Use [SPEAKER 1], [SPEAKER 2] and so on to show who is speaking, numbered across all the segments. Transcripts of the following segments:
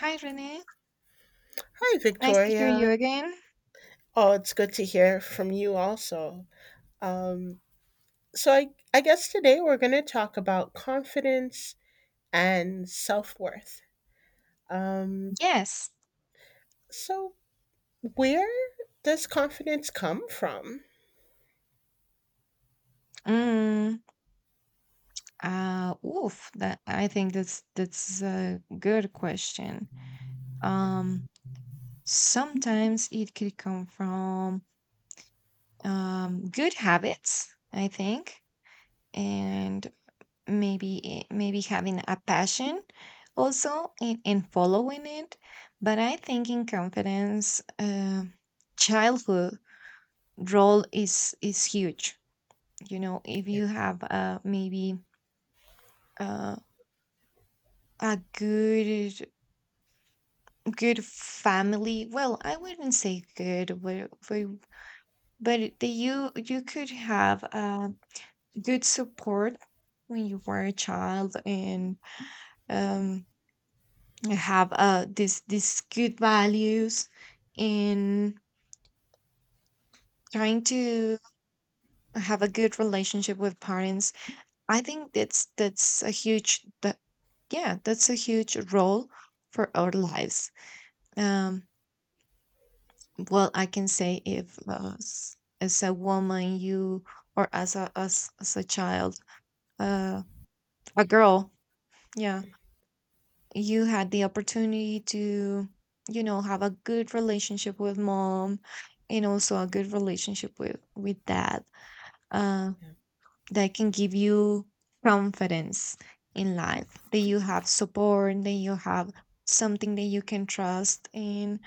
[SPEAKER 1] Hi, Renee.
[SPEAKER 2] Hi,
[SPEAKER 1] Nice to hear you
[SPEAKER 2] Victoria.
[SPEAKER 1] again.
[SPEAKER 2] Oh, it's good to hear from you also. Um, so I guess today we're going to talk about confidence and self-worth. Um,
[SPEAKER 1] Yes.
[SPEAKER 2] so where does confidence come from?
[SPEAKER 1] Mm, Oof, that I think that's a good question.
[SPEAKER 2] Yeah,
[SPEAKER 1] Um, Sometimes it could come from good habits, I think, and maybe having a passion also and following it. But I think in confidence, childhood role is huge. If
[SPEAKER 2] yeah,
[SPEAKER 1] you have maybe uh a good family, well, I wouldn't say good, but that you could have good support when you were a child, and um have this these good values, and trying to have a good relationship with parents. I think that's a huge that's a huge role for our lives. Um, well, I can say if as a woman, you, or as a as a child, uh, a girl, yeah, you had the opportunity to, have a good relationship with mom, and also a good relationship with dad. Uh,
[SPEAKER 2] yeah,
[SPEAKER 1] that can give you confidence in life, that you have support, that you have something that you can trust in,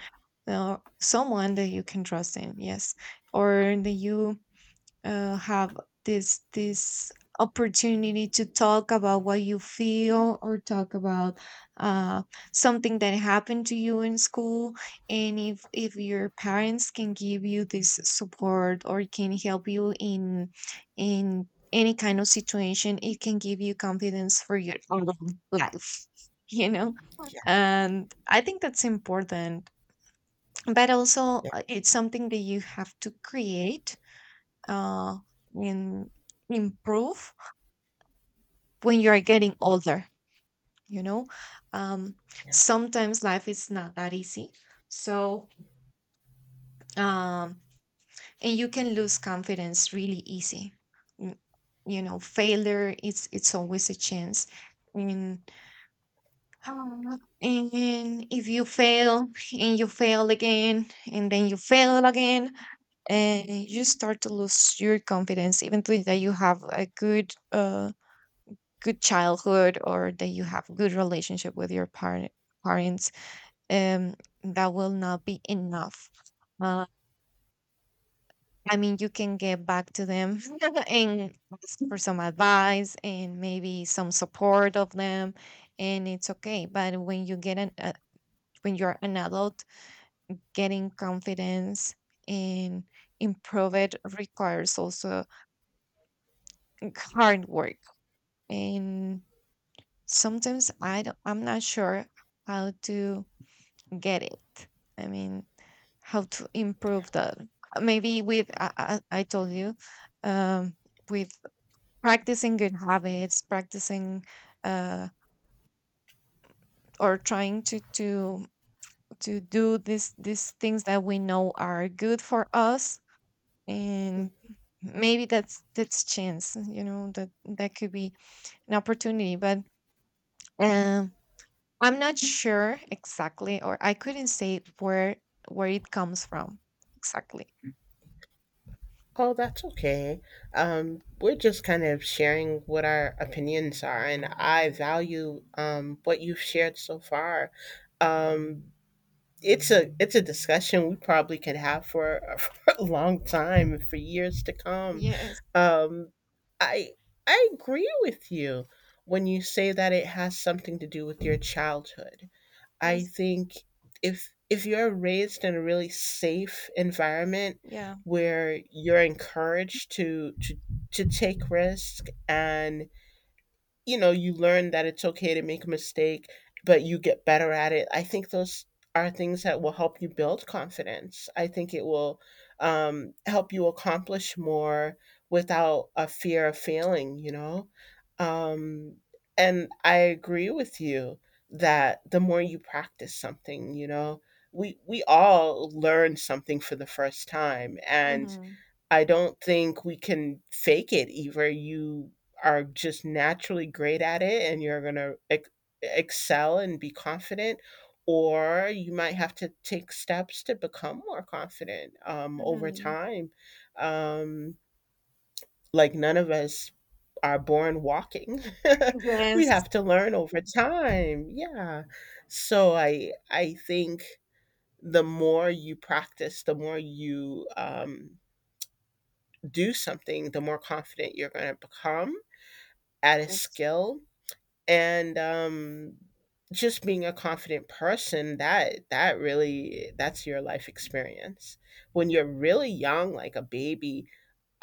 [SPEAKER 1] someone that you can trust in, yes, or that you have this opportunity to talk about what you feel, or talk about uh, something that happened to you in school. And if your parents can give you this support, or can help you in any kind of situation, it can give you confidence for your adult life you know and I think that's important. But also
[SPEAKER 2] yeah,
[SPEAKER 1] it's something that you have to create, uh, in, improve, when you are getting older, you know um,
[SPEAKER 2] yeah.
[SPEAKER 1] sometimes life is not that easy. So um, and you can lose confidence really easy. Mm, you know, failure, it's always a chance. And um, and if you fail, and you fail again, and then you fail again, and you start to lose your confidence, even though that you have a good good childhood, or that you have good relationship with your parents, um that will not be enough. uh, I mean, you can get back to them and ask for some advice, and maybe some support of them, and it's okay. But when you get an when you're an adult, getting confidence, and improve, it requires also hard work. And sometimes I'm not sure how to get it. I mean, how to improve that? Maybe with I told you, um, with practicing good habits, practicing, uh, or trying to to do this these things that we know are good for us, and maybe that's chance. You know, that that could be an opportunity. But um, I'm not sure exactly, or I couldn't say where it comes from exactly.
[SPEAKER 2] Oh, that's okay. We're just kind of sharing what our opinions are, and I value what you've shared so far. Um, it's a discussion we probably could have for, for a long time and for years to come.
[SPEAKER 1] Yes.
[SPEAKER 2] Um, I I agree with you when you say that it has something to do with your childhood. I
[SPEAKER 1] Yes.
[SPEAKER 2] think if you're raised in a really safe environment
[SPEAKER 1] Yeah.
[SPEAKER 2] where you're encouraged to take risk and you know, you learn that it's okay to make a mistake, but you get better at it. I think those are things that will help you build confidence. I think it will help you accomplish more without a fear of failing, you know? Um, and I agree with you that the more you practice something, you know, we all learn something for the first time. And
[SPEAKER 1] Mhm.
[SPEAKER 2] I don't think we can fake it either. You are just naturally great at it and you're going to excel and be confident, or you might have to take steps to become more confident over
[SPEAKER 1] Mhm.
[SPEAKER 2] time. Um, like, none of us are born walking. We
[SPEAKER 1] Yes.
[SPEAKER 2] have to learn over time. Yeah. So I think the more you practice, the more you do something, the more confident you're going to become at a
[SPEAKER 1] Yes.
[SPEAKER 2] skill. And just being a confident person that really that's your life experience when you're really young like a baby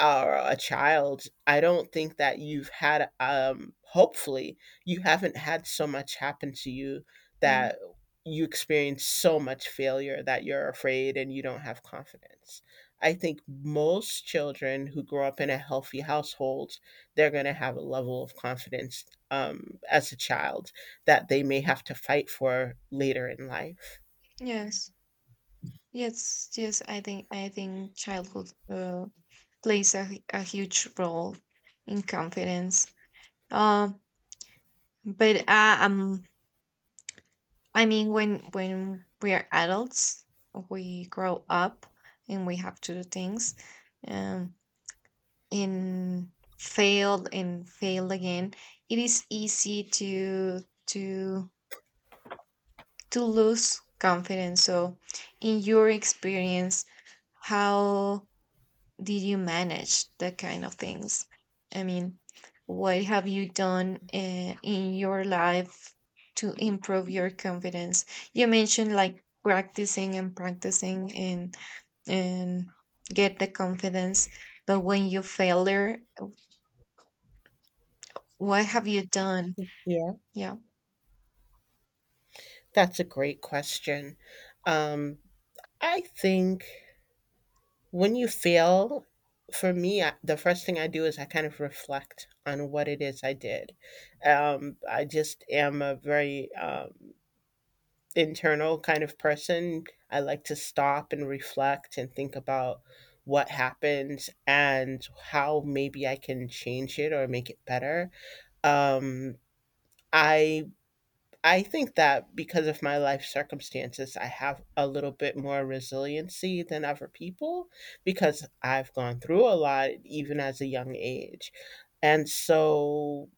[SPEAKER 2] or a child, I don't think that you've had, hopefully, you haven't had so much happen to you
[SPEAKER 1] Mm.
[SPEAKER 2] that you experience so much failure that you're afraid and you don't have confidence. I think most children who grow up in a healthy household, they're gonna have a level of confidence, as a child that they may have to fight for later in life. Yeah.
[SPEAKER 1] Yes. Yes. Yes. I think childhood plays a, a huge role in confidence. Um, but I mean, when we are adults, we grow up and we have to do things, um, and and failed again. It is easy to to to lose confidence. So, in your experience, how did you manage that kind of things? I mean, what have you done in your life to improve your confidence? You mentioned, like, practicing and practicing, and and get the confidence. But when you fail there, what have you done?
[SPEAKER 2] Yeah.
[SPEAKER 1] Yeah.
[SPEAKER 2] That's a great question. Um, I think when you fail, for me, the first thing I do is I kind of reflect on what it is I did. I just am a very internal kind of person. I like to stop and reflect and think about what happened and how maybe I can change it or make it better. Um, I I think that because of my life circumstances, I have a little bit more resiliency than other people because I've gone through a lot even as a young age. And so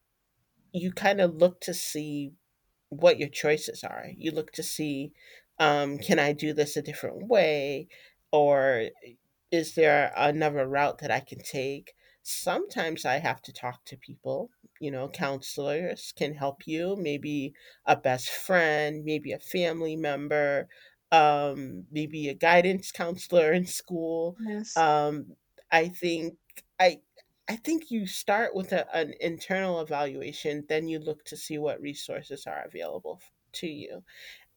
[SPEAKER 2] you kind of look to see what your choices are. You look to see, can I do this a different way? Or is there another route that I can take? Sometimes I have to talk to people. You know, counselors can help you, maybe a best friend, maybe a family member, maybe a guidance counselor in school.
[SPEAKER 1] Yes.
[SPEAKER 2] Um, I think I I think you start with a, an internal evaluation, then you look to see what resources are available to you.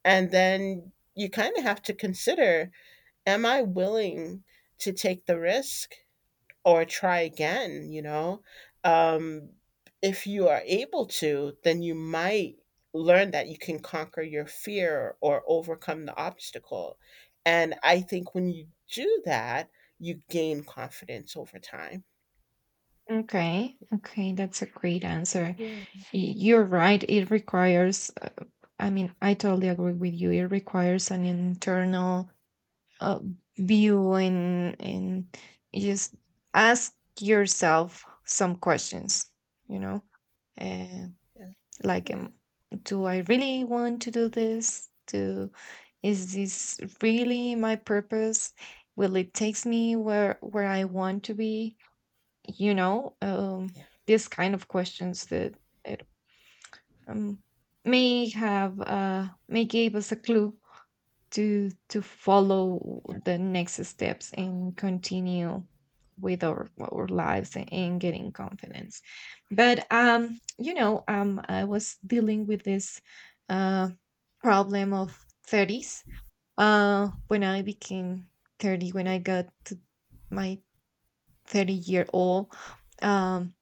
[SPEAKER 2] And then you kind of have to consider am I willing to take the risk or try again? You know, um, if you are able to, then you might learn that you can conquer your fear or overcome the obstacle. And I think when you do that, you gain confidence over time.
[SPEAKER 1] Okay. Okay, that's a great answer.
[SPEAKER 2] Yeah,
[SPEAKER 1] You're right. It requires, I mean, I totally agree with you. It requires an internal uh, view, and just ask yourself some questions, you know, uh,
[SPEAKER 2] yeah,
[SPEAKER 1] like,
[SPEAKER 2] yeah,
[SPEAKER 1] do I really want to do this? Is this really my purpose? Will it takes me where I want to be? You know,
[SPEAKER 2] yeah,
[SPEAKER 1] these kind of questions, that it um, may have, may give us a clue to follow
[SPEAKER 2] yeah.
[SPEAKER 1] the next steps, and continue with our lives, and getting confidence. But you know, I was dealing with this uh, problem of thirties. When I became 30, when I got to my 30-year old, um,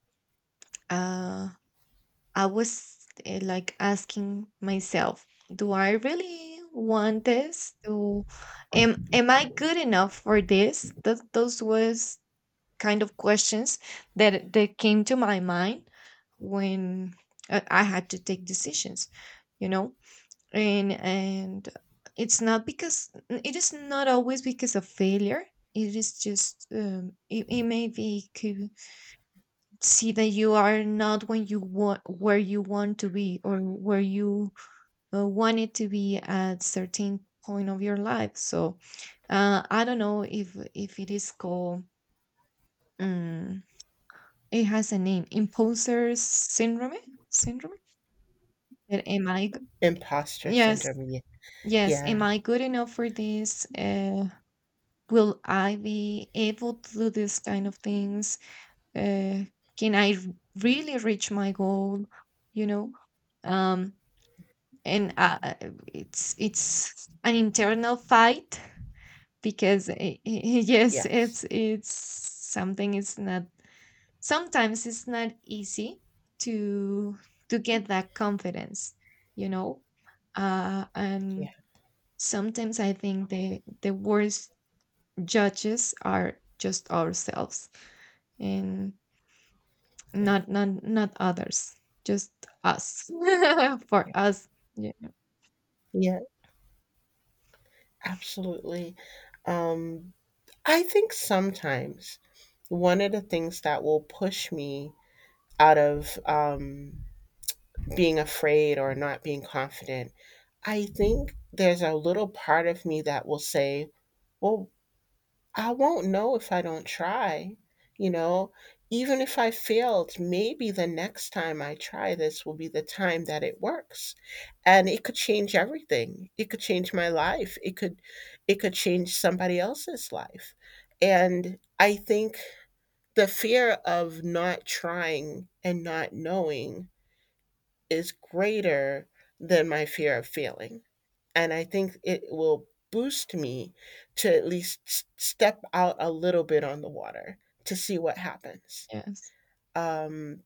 [SPEAKER 1] uh, I was like asking myself, do I really want this? Do am I good enough for this? That those was kind of questions that came to my mind when I had to take decisions, you know? And it's not because, it is not always because of failure. It is just, it, it may be see that you are not when you want, where you want to be, or where you want it to be at certain point of your life. So I don't know if it
[SPEAKER 2] Yeah.
[SPEAKER 1] is called, um, it has a name, imposter syndrome, syndrome that am
[SPEAKER 2] Imposter
[SPEAKER 1] yes,
[SPEAKER 2] syndrome. Yeah,
[SPEAKER 1] yes, am
[SPEAKER 2] yeah,
[SPEAKER 1] I good enough for this? Will I be able to do this kind of things? uh, can i r- Really reach my goal? You know, um and it's an internal fight, because yes,
[SPEAKER 2] yes,
[SPEAKER 1] it's something. It's not, sometimes it's not easy to get that confidence, you know.
[SPEAKER 2] yeah,
[SPEAKER 1] And Sometimes I think the worst judges are just ourselves, and
[SPEAKER 2] yeah,
[SPEAKER 1] not others. Just us for
[SPEAKER 2] yeah,
[SPEAKER 1] us. Ye-
[SPEAKER 2] yeah. Absolutely. Um, I think sometimes one of the things that will push me out of being afraid or not being confident, I think there's a little part of me that will say, well, I won't know if I don't try. You know, even if I failed, maybe the next time I try this will be the time that it works. And it could change everything. It could change my life. It could change somebody else's life. And I think the fear of not trying and not knowing is greater than my fear of failing and I think it will boost me to at least step out a little bit on the water to see what happens.
[SPEAKER 1] yes.
[SPEAKER 2] Um,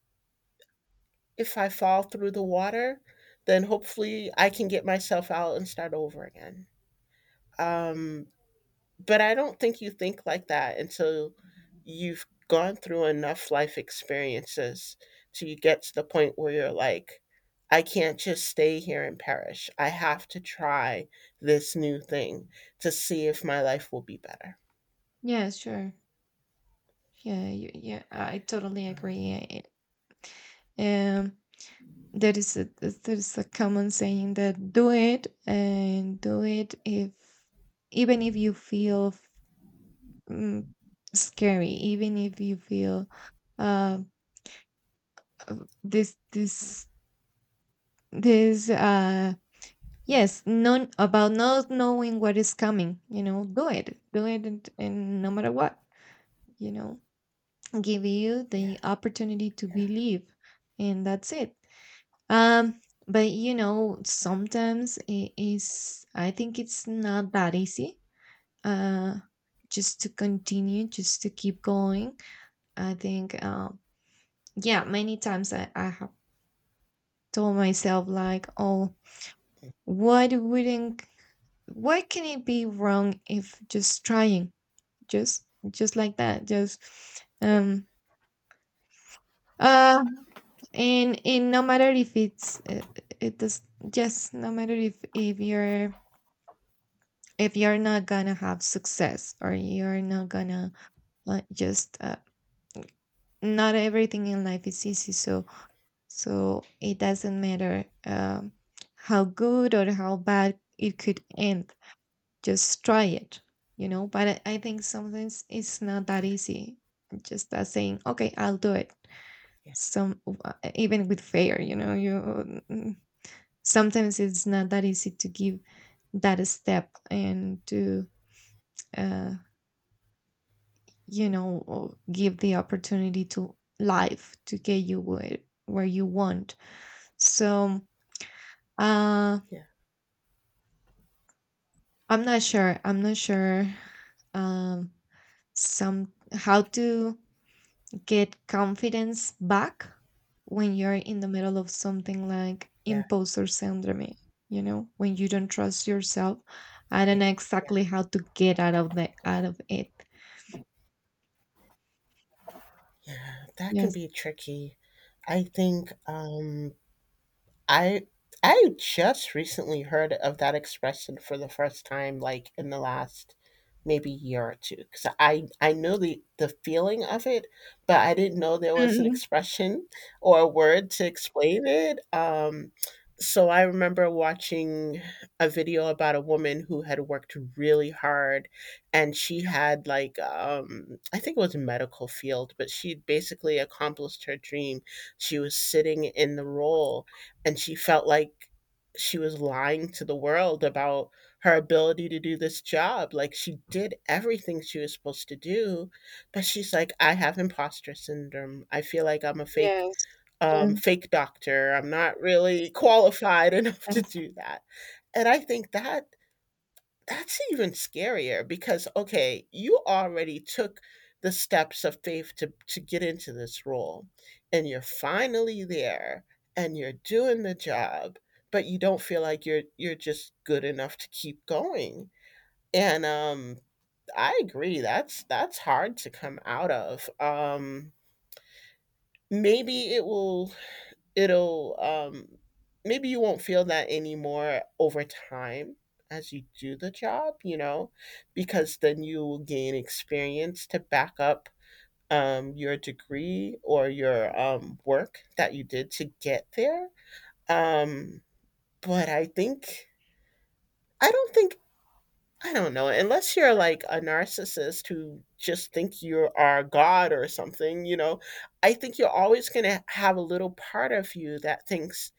[SPEAKER 2] if I fall through the water, then hopefully I can get myself out and start over again. Um, But I don't think you think like that until you've gone through enough life experiences till you get to the point where you're like, I can't just stay here and perish. I have to try this new thing to see if my life will be better.
[SPEAKER 1] Yes, sure. Yeah, yeah, I totally agree.
[SPEAKER 2] Um,
[SPEAKER 1] Um, there is a, there is a common saying that do it, and do it if, even if you feel mm, scary, even if you feel uh, uh, this
[SPEAKER 2] yeah,
[SPEAKER 1] this yes, non about not knowing what is coming. You know, do it, and no matter what, you know, give you
[SPEAKER 2] yeah,
[SPEAKER 1] the opportunity to
[SPEAKER 2] yeah,
[SPEAKER 1] believe, and that's it. Um, but you know, sometimes it is, I think it's not that easy. Uh, just to continue, just to keep going. I think, yeah, many times I have told myself, like, oh, what wouldn't, what can it be wrong if just trying, just, just like that, just,
[SPEAKER 2] yeah, yeah,
[SPEAKER 1] um, uh, and no matter if it's it does yes, no matter if you're, if you're not gonna have success, or you're not gonna, just not everything in life is easy. So it doesn't matter how good or how bad it could end. Just try it. You know. But I think sometimes it's not that
[SPEAKER 2] yeah,
[SPEAKER 1] easy, just as saying, okay, I'll do it
[SPEAKER 2] yeah,
[SPEAKER 1] some. Even with fair, you know, you, sometimes it's not that easy to give that step, and to uh, you know, or give the opportunity to life to get you where you want. So uh
[SPEAKER 2] yeah,
[SPEAKER 1] I'm not sure, um some how to get confidence back when you're in the middle of something like
[SPEAKER 2] yeah,
[SPEAKER 1] imposter syndrome. You know, when you don't trust yourself, I don't
[SPEAKER 2] yeah.
[SPEAKER 1] know exactly how to get out of it.
[SPEAKER 2] yeah. That can
[SPEAKER 1] Yes.
[SPEAKER 2] be tricky. I think um, I I just recently heard of that expression for the first time, like in the last maybe year or two. Because I know the feeling of it, but I didn't know there was an
[SPEAKER 1] Mhm.
[SPEAKER 2] expression or a word to explain it. So I remember watching a video about a woman who had worked really hard, and she had like I think it was a medical field, but she basically accomplished her dream. She was sitting in the role and she felt like she was lying to the world about her ability to do this job. Like she did everything she was supposed to do, but she's like, I have imposter syndrome. I feel like I'm a fake
[SPEAKER 1] Yes.
[SPEAKER 2] um
[SPEAKER 1] Yes.
[SPEAKER 2] fake doctor. I'm not really qualified enough to
[SPEAKER 1] Yes.
[SPEAKER 2] do that. And I think that that's even scarier because okay, you already took the steps of faith to get into this role and you're finally there and you're doing the job, but you don't feel like you're just good enough to keep going. And I agree. That's hard to come out of. Maybe it will it'll maybe you won't feel that anymore over time as you do the job, you know, because then you will gain experience to back up your degree or your work that you did to get there. Um, but I think, I don't know, unless you're like a narcissist who just think you are God or something, you know, I think you're always going to have a little part of you that thinks,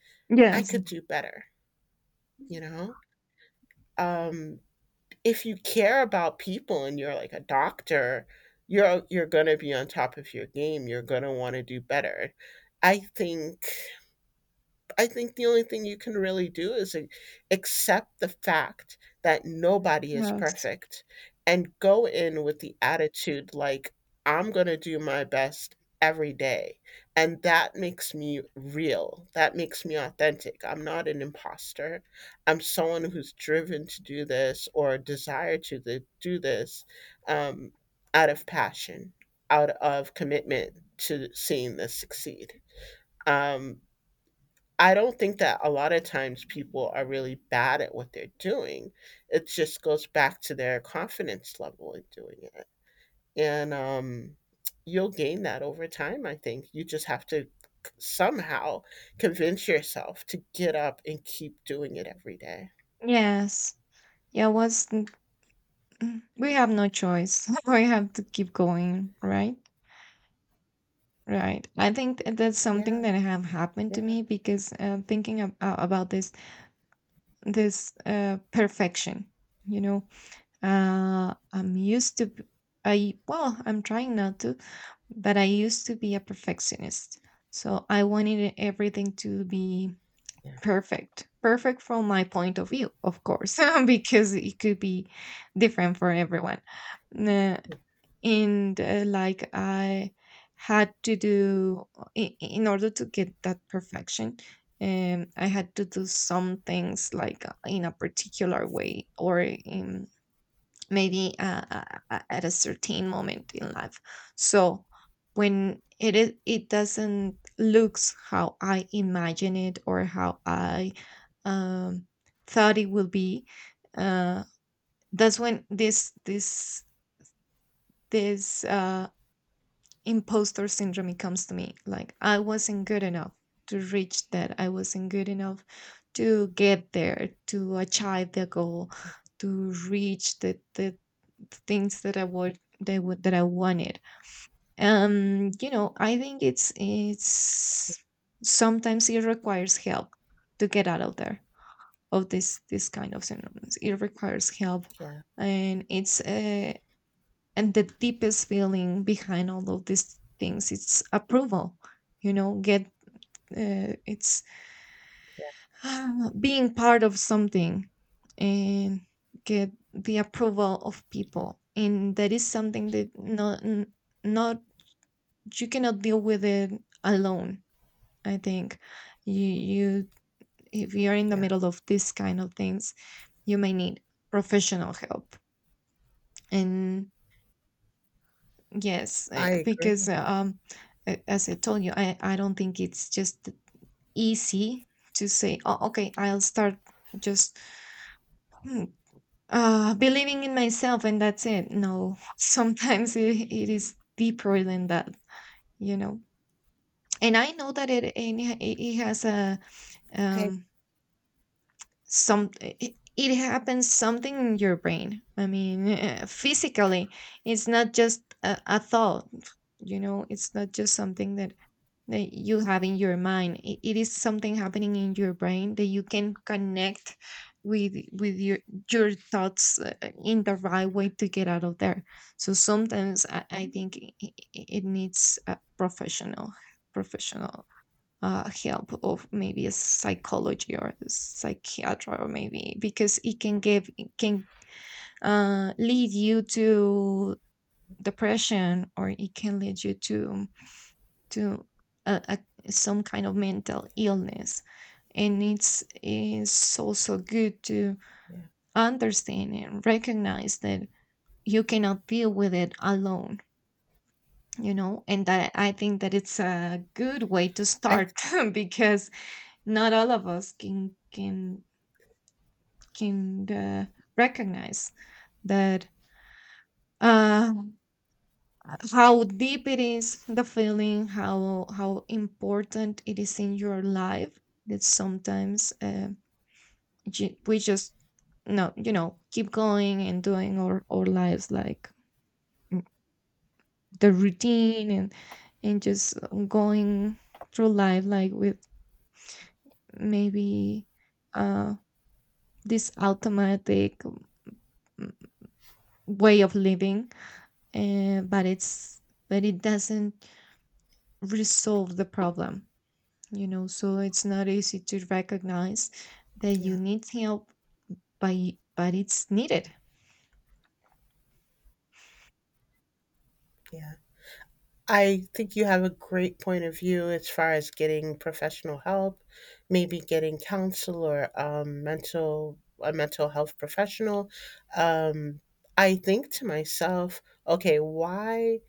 [SPEAKER 2] I
[SPEAKER 1] Yes.
[SPEAKER 2] could do better. You know? Um, if you care about people and you're like a doctor, you're gonna be on top of your game. You're gonna want to do better. I think I think the only thing you can really do is accept the fact that nobody is
[SPEAKER 1] Yes.
[SPEAKER 2] perfect and go in with the attitude like, I'm going to do my best every day. And that makes me real. That makes me authentic. I'm not an imposter. I'm someone who's driven to do this or desire to do this um, out of passion, out of commitment to seeing this succeed. Um, I don't think that a lot of times people are really bad at what they're doing. It just goes back to their confidence level in doing it. And you'll gain that over time, I think. You just have to somehow convince yourself to get up and keep doing it every day.
[SPEAKER 1] Yes. Yeah, we have no choice. We have to keep going, right? Right. I think that's something
[SPEAKER 2] Yeah,
[SPEAKER 1] that have happened to
[SPEAKER 2] yeah,
[SPEAKER 1] me, because thinking about this this perfection, you know, I'm used to I, well, I'm trying not to, but I used to be a perfectionist. So I wanted everything to be
[SPEAKER 2] yeah,
[SPEAKER 1] perfect. Perfect from my point of view, of course, because it could be different for everyone. Uh,
[SPEAKER 2] yeah,
[SPEAKER 1] and Like, I had to do, in order to get that perfection, I had to do some things, like, in a particular way, or in maybe at a certain moment in life. So when it is, it doesn't looks how I imagine it, or how I um, thought it will be. uh, that's when this imposter syndrome comes to me, like I wasn't good enough to reach that, I wasn't good enough to get there, to achieve the goal, to reach the things that I would, that would, that I wanted. You know, I think it's sometimes it requires help to get out of there, of this kind of syndromes. It requires help.
[SPEAKER 2] yeah,
[SPEAKER 1] And it's, and the deepest feeling behind all of these things, it's approval. You know, get, it's ah, being part of something, and get the approval of
[SPEAKER 2] yeah.
[SPEAKER 1] people. And that is something that not, you cannot deal with it alone, I think. you you, if you're in the
[SPEAKER 2] Yeah.
[SPEAKER 1] middle of this kind of things, you may need professional help. And yes,
[SPEAKER 2] I
[SPEAKER 1] because
[SPEAKER 2] agree.
[SPEAKER 1] a- as I told you, I don't think it's just easy to say, oh, okay, I'll start just, hmm, believing in myself, and that's it. No, sometimes it, it is deeper than that, you know. And I know that it and it it has a
[SPEAKER 2] I,
[SPEAKER 1] um some it happens something in your brain. I mean, physically, it's not just a thought, you know. It's not just something that that you have in your mind it is something happening in your brain that you can connect with your thoughts in the right way to get out of there. So sometimes I think it needs a professional help of maybe a psychology or a psychiatra or maybe because it can give it can lead you to depression, or it can lead you to uh, uh, some kind of mental illness. And it's also good to
[SPEAKER 2] yeah,
[SPEAKER 1] understand and recognize that you cannot deal with it alone, you know, and that I think that it's a good way to
[SPEAKER 2] I,
[SPEAKER 1] start because not all of us can recognize that uh how deep it is the feeling, how important it is in your life, that sometimes we just no you know keep going and doing our lives like mm, the routine, and just going through life like with maybe uh this automatic mm, way of living, but it's but it doesn't resolve the problem, you know, so it's not easy to recognize that you
[SPEAKER 2] yeah,
[SPEAKER 1] need help, but but it's needed.
[SPEAKER 2] yeah. I think you have a great point of view as far as getting professional help, maybe getting counsel or mental health professional. Um, I think to myself, okay, why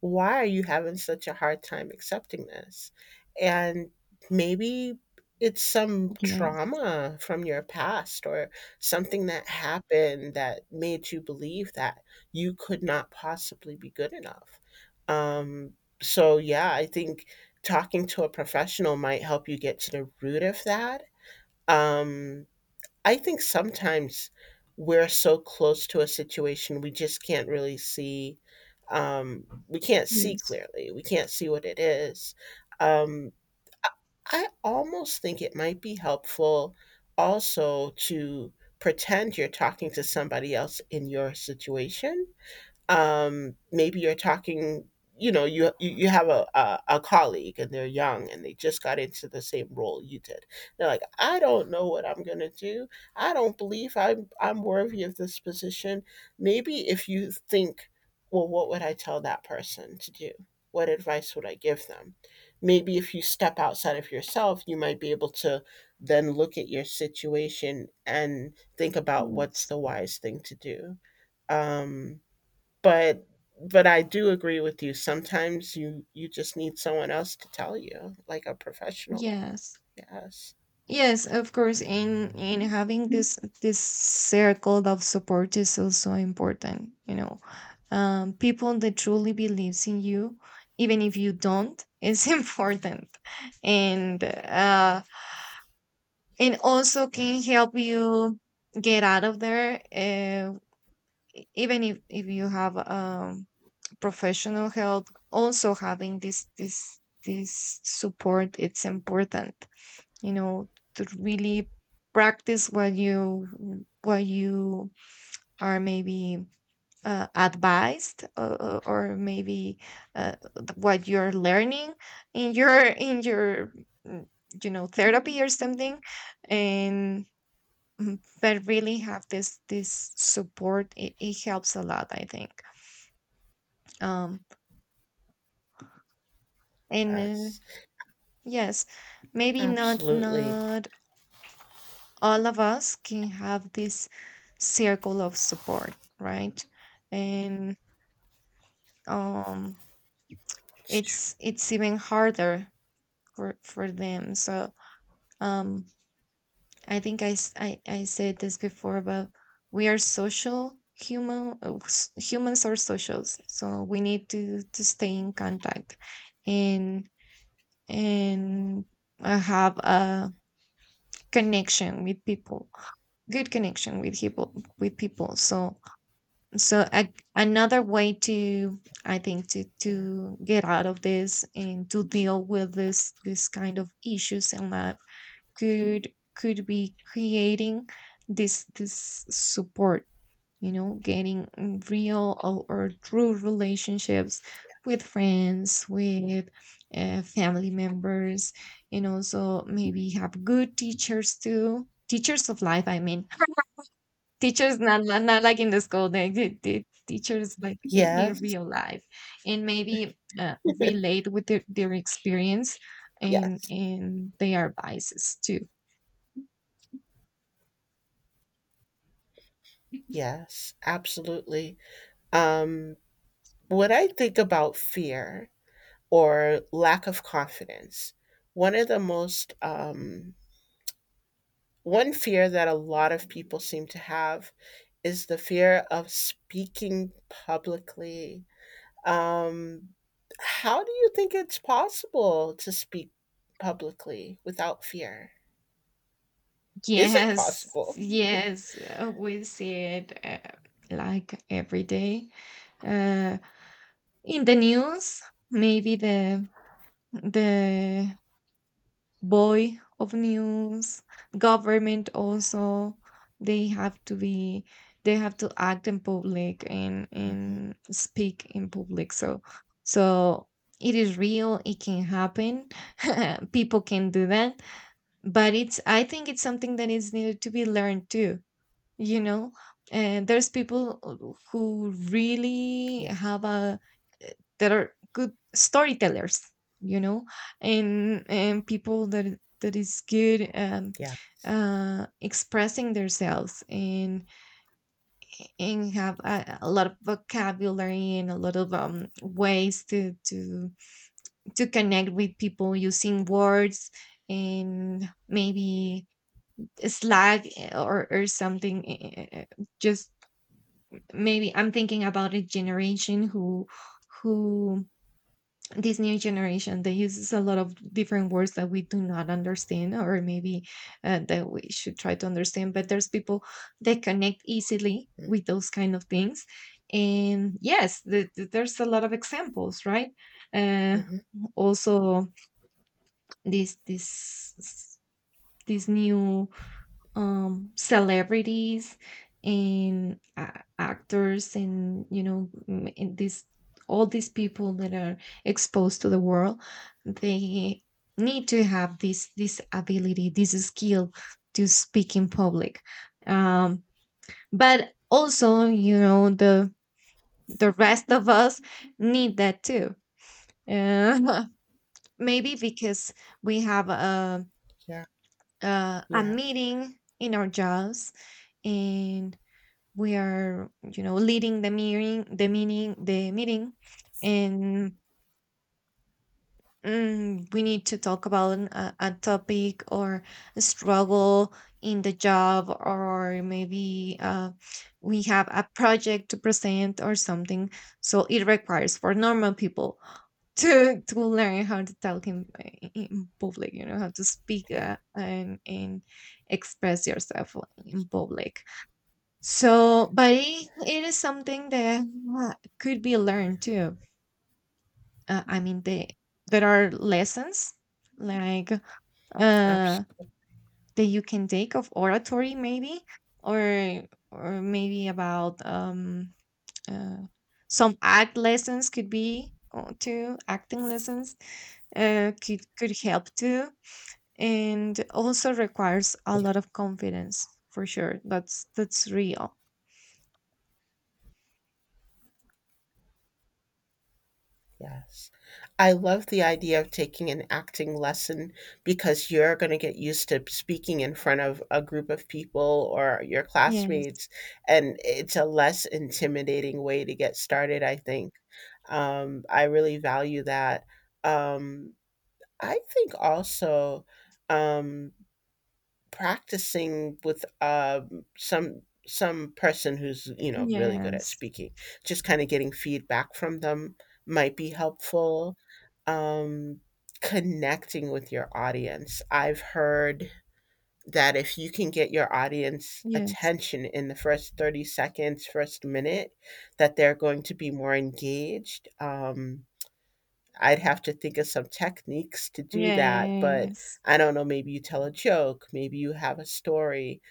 [SPEAKER 2] why are you having such a hard time accepting this? And maybe it's some
[SPEAKER 1] Yes,
[SPEAKER 2] trauma from your past or something that happened that made you believe that you could not possibly be good enough um, so yeah, I think talking to a professional might help you get to the root of that. Um, I think sometimes we're so close to a situation we just can't really see. We can't see
[SPEAKER 1] yes.
[SPEAKER 2] clearly. We can't see what it is. Um, I almost think it might be helpful also to pretend you're talking to somebody else in your situation maybe you're talking you know you have a, a colleague and they're young and they just got into the same role you did they're like I don't know what I'm going to do I don't believe I'm worthy of this position maybe if you think well what would I tell that person to do what advice would I give them maybe if you step outside of yourself you might be able to then look at your situation and think about what's
[SPEAKER 1] Yes,
[SPEAKER 2] the wise thing to do um, but but I do agree with you. Sometimes you just need someone else to tell you, like a professional.
[SPEAKER 1] yes.
[SPEAKER 2] Yes,
[SPEAKER 1] Yes, of course.
[SPEAKER 2] Um,
[SPEAKER 1] In having this this circle of support is also important. You know, people that truly believes in you, even if you don't, is important, and uh, and also can help you get out of there. Even if you have professional help, also having this this this support, it's important, you know, to really practice what you are maybe advised, or maybe what you're learning in your mm, you know, therapy or something. And but really have this this support, it helps a lot, I think. um and
[SPEAKER 2] yes,
[SPEAKER 1] yes, maybe not
[SPEAKER 2] Absolutely.
[SPEAKER 1] not all of us can have this circle of support, right? And um
[SPEAKER 2] It's true.
[SPEAKER 1] it's even harder for them, so um I think I I said this before, but we are social human humans are socials, so we need to stay in contact, and and have a connection with people, good connection with people, with people. So so another way to, I think,
[SPEAKER 2] Yeah.
[SPEAKER 1] to get out of this and to deal with this this kind of issues in life could be creating this this support, you know, getting real or true relationships with friends, with family members, and also maybe have good teachers too, teachers of life, I mean. Teachers not, not not like in the school, they teachers like in
[SPEAKER 2] Yes,
[SPEAKER 1] real life. And maybe relate with their experience
[SPEAKER 2] yes,
[SPEAKER 1] and their biases too.
[SPEAKER 2] yes, Absolutely. Um, when I think about fear or lack of confidence, one of the most um, one fear that a lot of people seem to have is the fear of speaking publicly. Um, how do you think it's possible to speak publicly without fear? Is it
[SPEAKER 1] Yes,
[SPEAKER 2] possible?
[SPEAKER 1] yes, we see it, like every day, uh, in the news, maybe the boy of news, government also, they have to be they have to act in public
[SPEAKER 2] Mhm.
[SPEAKER 1] and speak in public. So so it is real, it can happen, people can do that, but it's, I think it's something that is needed to be learned too, you know. And there's people who really
[SPEAKER 2] Yeah.
[SPEAKER 1] have a that are good storytellers, you know, and people that that is good
[SPEAKER 2] Yes.
[SPEAKER 1] expressing themselves, and have a lot of vocabulary and a lot of ways to connect with people using words. And maybe Slack or something, just maybe I'm thinking about a generation who this new generation that uses a lot of different words that we do not understand, or maybe that we should try to understand, but there's people that connect easily with those kind of things. And yes, there's a lot of examples, right? uh,
[SPEAKER 2] Mm-hmm.
[SPEAKER 1] also this this this new celebrities, and actors, and you know, and these all these people that are exposed to the world, they need to have this this ability, this skill to speak in public. um but also, you know, the rest of us need that too, uh, maybe because we have
[SPEAKER 2] Yeah.
[SPEAKER 1] a
[SPEAKER 2] Yeah.
[SPEAKER 1] meeting in our jobs, and. We are, you know, leading the meeting the meeting, and we need to talk about a topic, or a struggle in the job, or maybe we have a project to present or something. So it requires for normal people to learn how to talk in public, you know, how to speak,
[SPEAKER 2] Yeah.
[SPEAKER 1] and express yourself in public. So, but it is something that uh, could be
[SPEAKER 2] Yeah.
[SPEAKER 1] learned too. I mean, they, there are lessons like, uh,
[SPEAKER 2] Absolutely.
[SPEAKER 1] that you can take of oratory, maybe, or or maybe about uh, some act lessons could be, too. Acting lessons could help too, and also requires a lot of confidence, for sure. That's real.
[SPEAKER 2] Yes. I love the idea of taking an acting lesson because you're going to get used to speaking in front of a group of people or your
[SPEAKER 1] Yes.
[SPEAKER 2] classmates. And it's a less intimidating way to get started, I think. I really value that. Um, I think also, um, practicing with some person who's, you know, really good at
[SPEAKER 1] Yes.
[SPEAKER 2] speaking, just kind of getting feedback from them might be helpful. Um, Connecting with your audience. I've heard that if you can get your audience
[SPEAKER 1] Yes.
[SPEAKER 2] attention in the first 30 seconds, first minute, that they're going to be more engaged. I'd have to think of some techniques to do that, but
[SPEAKER 1] Yes.
[SPEAKER 2] I don't know, maybe you tell a joke, maybe you have a story,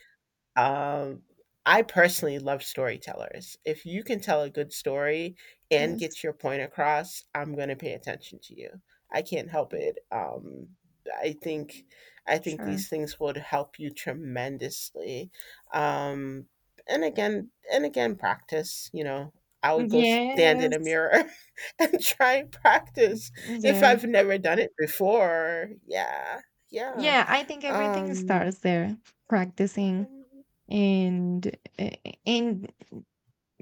[SPEAKER 2] um, I personally love storytellers. If you can tell a good story and
[SPEAKER 1] Yes.
[SPEAKER 2] get your point across, I'm going to pay attention to you. I can't help it. I think I think these
[SPEAKER 1] Sure.
[SPEAKER 2] things would help you tremendously. Um, and again, and again, practice. You know, I would go stand in a
[SPEAKER 1] Yes.
[SPEAKER 2] mirror and try and practice if
[SPEAKER 1] Yeah.
[SPEAKER 2] I've never done it before. Yeah, yeah.
[SPEAKER 1] Yeah, I think everything
[SPEAKER 2] Um,
[SPEAKER 1] starts there, practicing,
[SPEAKER 2] um
[SPEAKER 1] and uh, and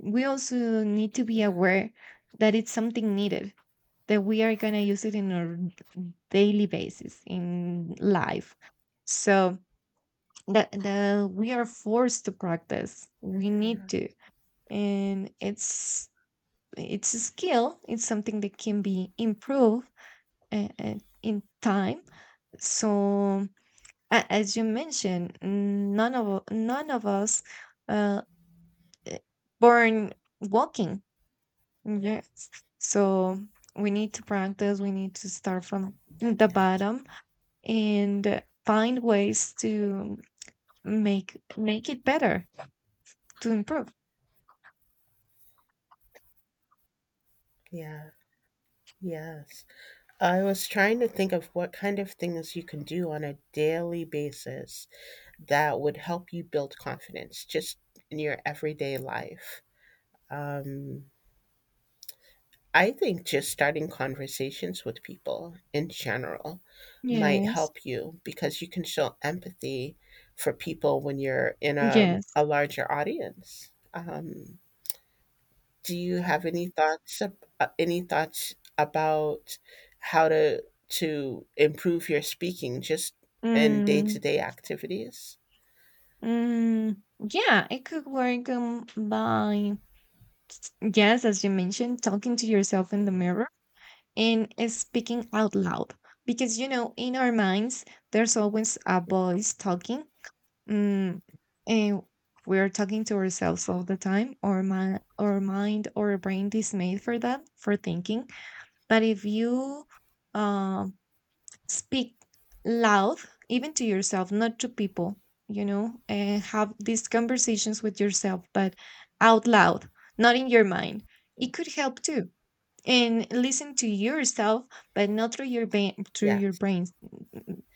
[SPEAKER 1] we also need to be
[SPEAKER 2] yeah,
[SPEAKER 1] aware that it's something needed, that we are going to use it in our daily basis in life. So that the we are forced to practice. We need
[SPEAKER 2] yeah.
[SPEAKER 1] to. And it's a skill, it's something that can be improved uh, uh, in time. So, as you mentioned, none of none of us uh, born walking. Yes. So we need to practice. We need to start from the
[SPEAKER 2] Yes.
[SPEAKER 1] bottom and find ways to make make it better, to improve.
[SPEAKER 2] Yeah. Yes. I was trying to think of what kind of things you can do on a daily basis that would help you build confidence just in your everyday life. Um, I think just starting conversations with people in general might
[SPEAKER 1] Yes.
[SPEAKER 2] help you because you can show empathy for people when you're in a,
[SPEAKER 1] Yes.
[SPEAKER 2] a larger audience. Do you have any any thoughts about how to improve your speaking just in
[SPEAKER 1] Mm,
[SPEAKER 2] day-to-day activities?
[SPEAKER 1] mm, yeah, it could work, by, yes, as you mentioned, talking to yourself in the mirror and speaking out loud, because you know, in our minds there's always a voice talking, mm, and we're talking to ourselves all the time, or my our mind or brain is made for that, for thinking. But if you um speak loud, even to yourself, not to people, you know, and have these conversations with yourself, but out loud, not in your mind, it could help too, and listen to yourself, but not through your brain, through your
[SPEAKER 2] Yes,
[SPEAKER 1] brains,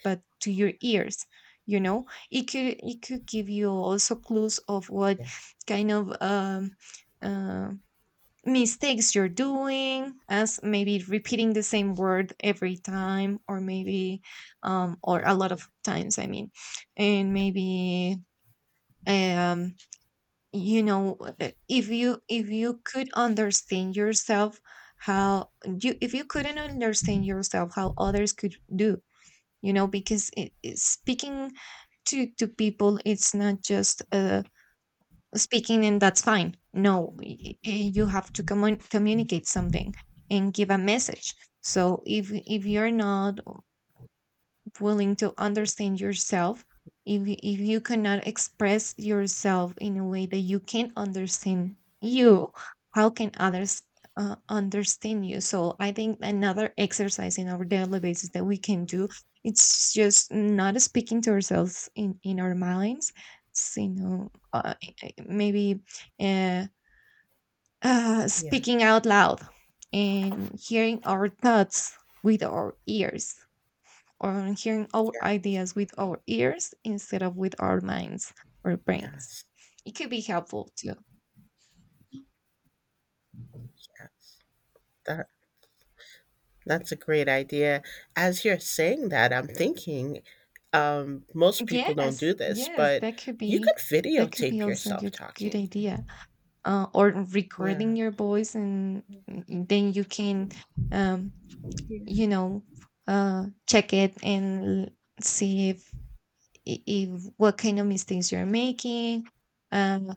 [SPEAKER 1] but to your ears, you know. It could it could give you also clues of what
[SPEAKER 2] yeah,
[SPEAKER 1] kind of uh, mistakes you're doing, as maybe repeating the same word every time, or maybe or a lot of times, I mean. And maybe um you know, if you could understand yourself, how you, if you couldn't understand yourself, how others could do, you know. Because speaking to people, it's not just speaking and that's fine, no, you have to communicate something and give a message. So if you're not willing to understand yourself, if if you cannot express yourself in a way that you can understand you, how can others understand you? So I think another exercise in our daily basis that we can do, it's just not speaking to ourselves in our minds. It's, you know, maybe uh,
[SPEAKER 2] yeah,
[SPEAKER 1] speaking out loud and hearing our thoughts with our ears, on hearing our
[SPEAKER 2] yeah,
[SPEAKER 1] ideas with our ears instead of with our minds or brains.
[SPEAKER 2] yes,
[SPEAKER 1] It could be helpful too.
[SPEAKER 2] yes. That that's a great idea. As you're saying that, I'm thinking, most people don't do
[SPEAKER 1] Yes,
[SPEAKER 2] this,
[SPEAKER 1] yes,
[SPEAKER 2] but you could
[SPEAKER 1] that could be
[SPEAKER 2] videotape
[SPEAKER 1] also a
[SPEAKER 2] yourself
[SPEAKER 1] good good
[SPEAKER 2] talking.
[SPEAKER 1] idea. Or
[SPEAKER 2] Yeah,
[SPEAKER 1] recording your voice, and then you can um, you know, check it and see if if what kind of mistakes you're making, um,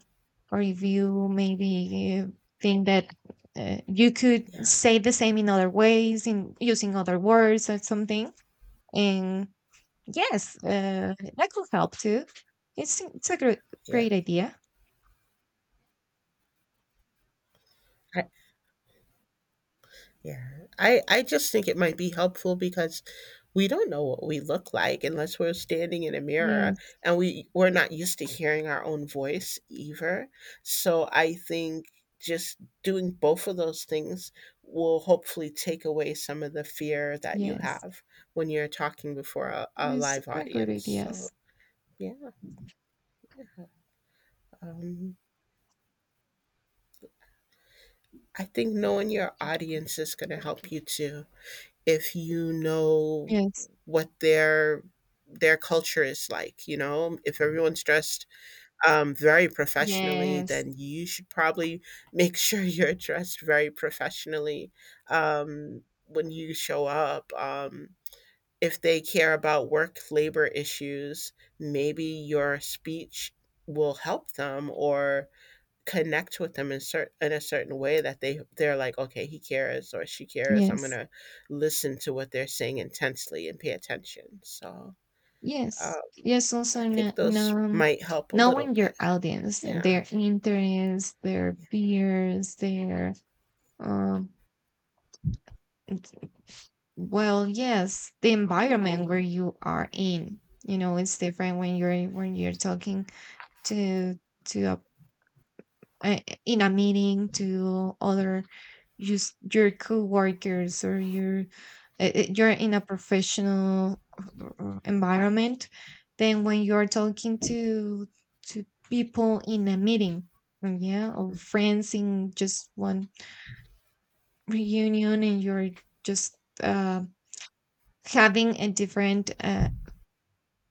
[SPEAKER 1] or if you maybe think that you could
[SPEAKER 2] yeah,
[SPEAKER 1] say the same in other ways, in using other words or something. And yes, that could help too. It's a great,
[SPEAKER 2] yeah.
[SPEAKER 1] great idea.
[SPEAKER 2] Yeah. I just think it might be helpful because we don't know what we look like unless we're standing in a mirror
[SPEAKER 1] Yes,
[SPEAKER 2] and we're not used to hearing our own voice either. So I think just doing both of those things will hopefully take away some of the fear that you
[SPEAKER 1] yes,
[SPEAKER 2] have when you're talking before a
[SPEAKER 1] these
[SPEAKER 2] live
[SPEAKER 1] are good
[SPEAKER 2] audience. So,
[SPEAKER 1] ideas.
[SPEAKER 2] yeah. Um, I think knowing your
[SPEAKER 1] Yes,
[SPEAKER 2] audience is going to help you too. If you know what their culture is like, you know, if everyone's dressed very professionally,
[SPEAKER 1] yes.
[SPEAKER 2] then you should probably make sure you're dressed very professionally, when you show up, if they care about work labor issues, maybe your speech will help them or connect with them in in a certain way that they're like, okay, he cares or she cares, I'm
[SPEAKER 1] Yes,
[SPEAKER 2] gonna listen to what they're saying intensely and pay attention. So uh,
[SPEAKER 1] yes. Yes, also
[SPEAKER 2] I think those might help a little
[SPEAKER 1] knowing
[SPEAKER 2] bit.
[SPEAKER 1] your audience and
[SPEAKER 2] Yeah,
[SPEAKER 1] their interests, their
[SPEAKER 2] yeah.
[SPEAKER 1] peers, their. Um, it's, well, yes, the environment where you are in, you know, it's different when you're talking to to in a meeting to other just your coworkers, or your you're in a professional environment, than when you're talking to people in a meeting, yeah, or friends in just one reunion and you're just. um having a different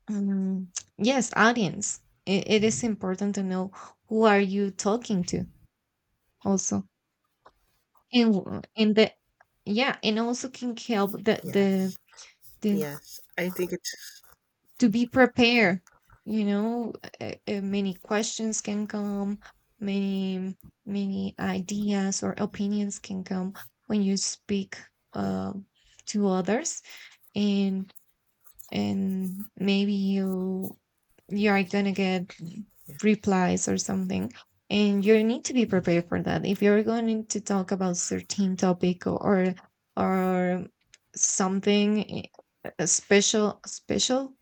[SPEAKER 1] um, yes, audience. I- it is important to know who are you talking to, also. And and the, yeah, and also can help
[SPEAKER 2] Yes,
[SPEAKER 1] the
[SPEAKER 2] yes, I think it's,
[SPEAKER 1] to be prepared, you know. Many questions can come, many many ideas or opinions can come when you speak,
[SPEAKER 2] yeah,
[SPEAKER 1] uh, to others, and and maybe you you are gonna get
[SPEAKER 2] yeah.
[SPEAKER 1] replies or something. And you need to be prepared for that if you're going to talk about certain topic, or something special, special.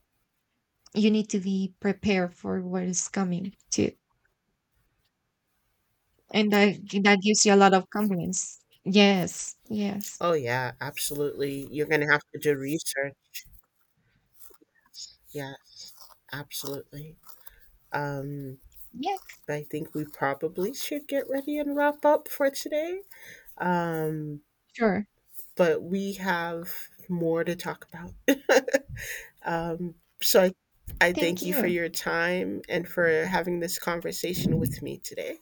[SPEAKER 1] You need to be prepared for what is coming too, and that that gives you a lot of confidence. Yes, yes,
[SPEAKER 2] Oh, yeah, absolutely, you're gonna have to do research. Yes, absolutely. um
[SPEAKER 1] yes.
[SPEAKER 2] I think we probably should get ready and wrap up for today. um
[SPEAKER 1] Sure.
[SPEAKER 2] but we have more to talk about. um, so I
[SPEAKER 1] Thank
[SPEAKER 2] thank you for
[SPEAKER 1] you.
[SPEAKER 2] your time and for having this conversation with me today.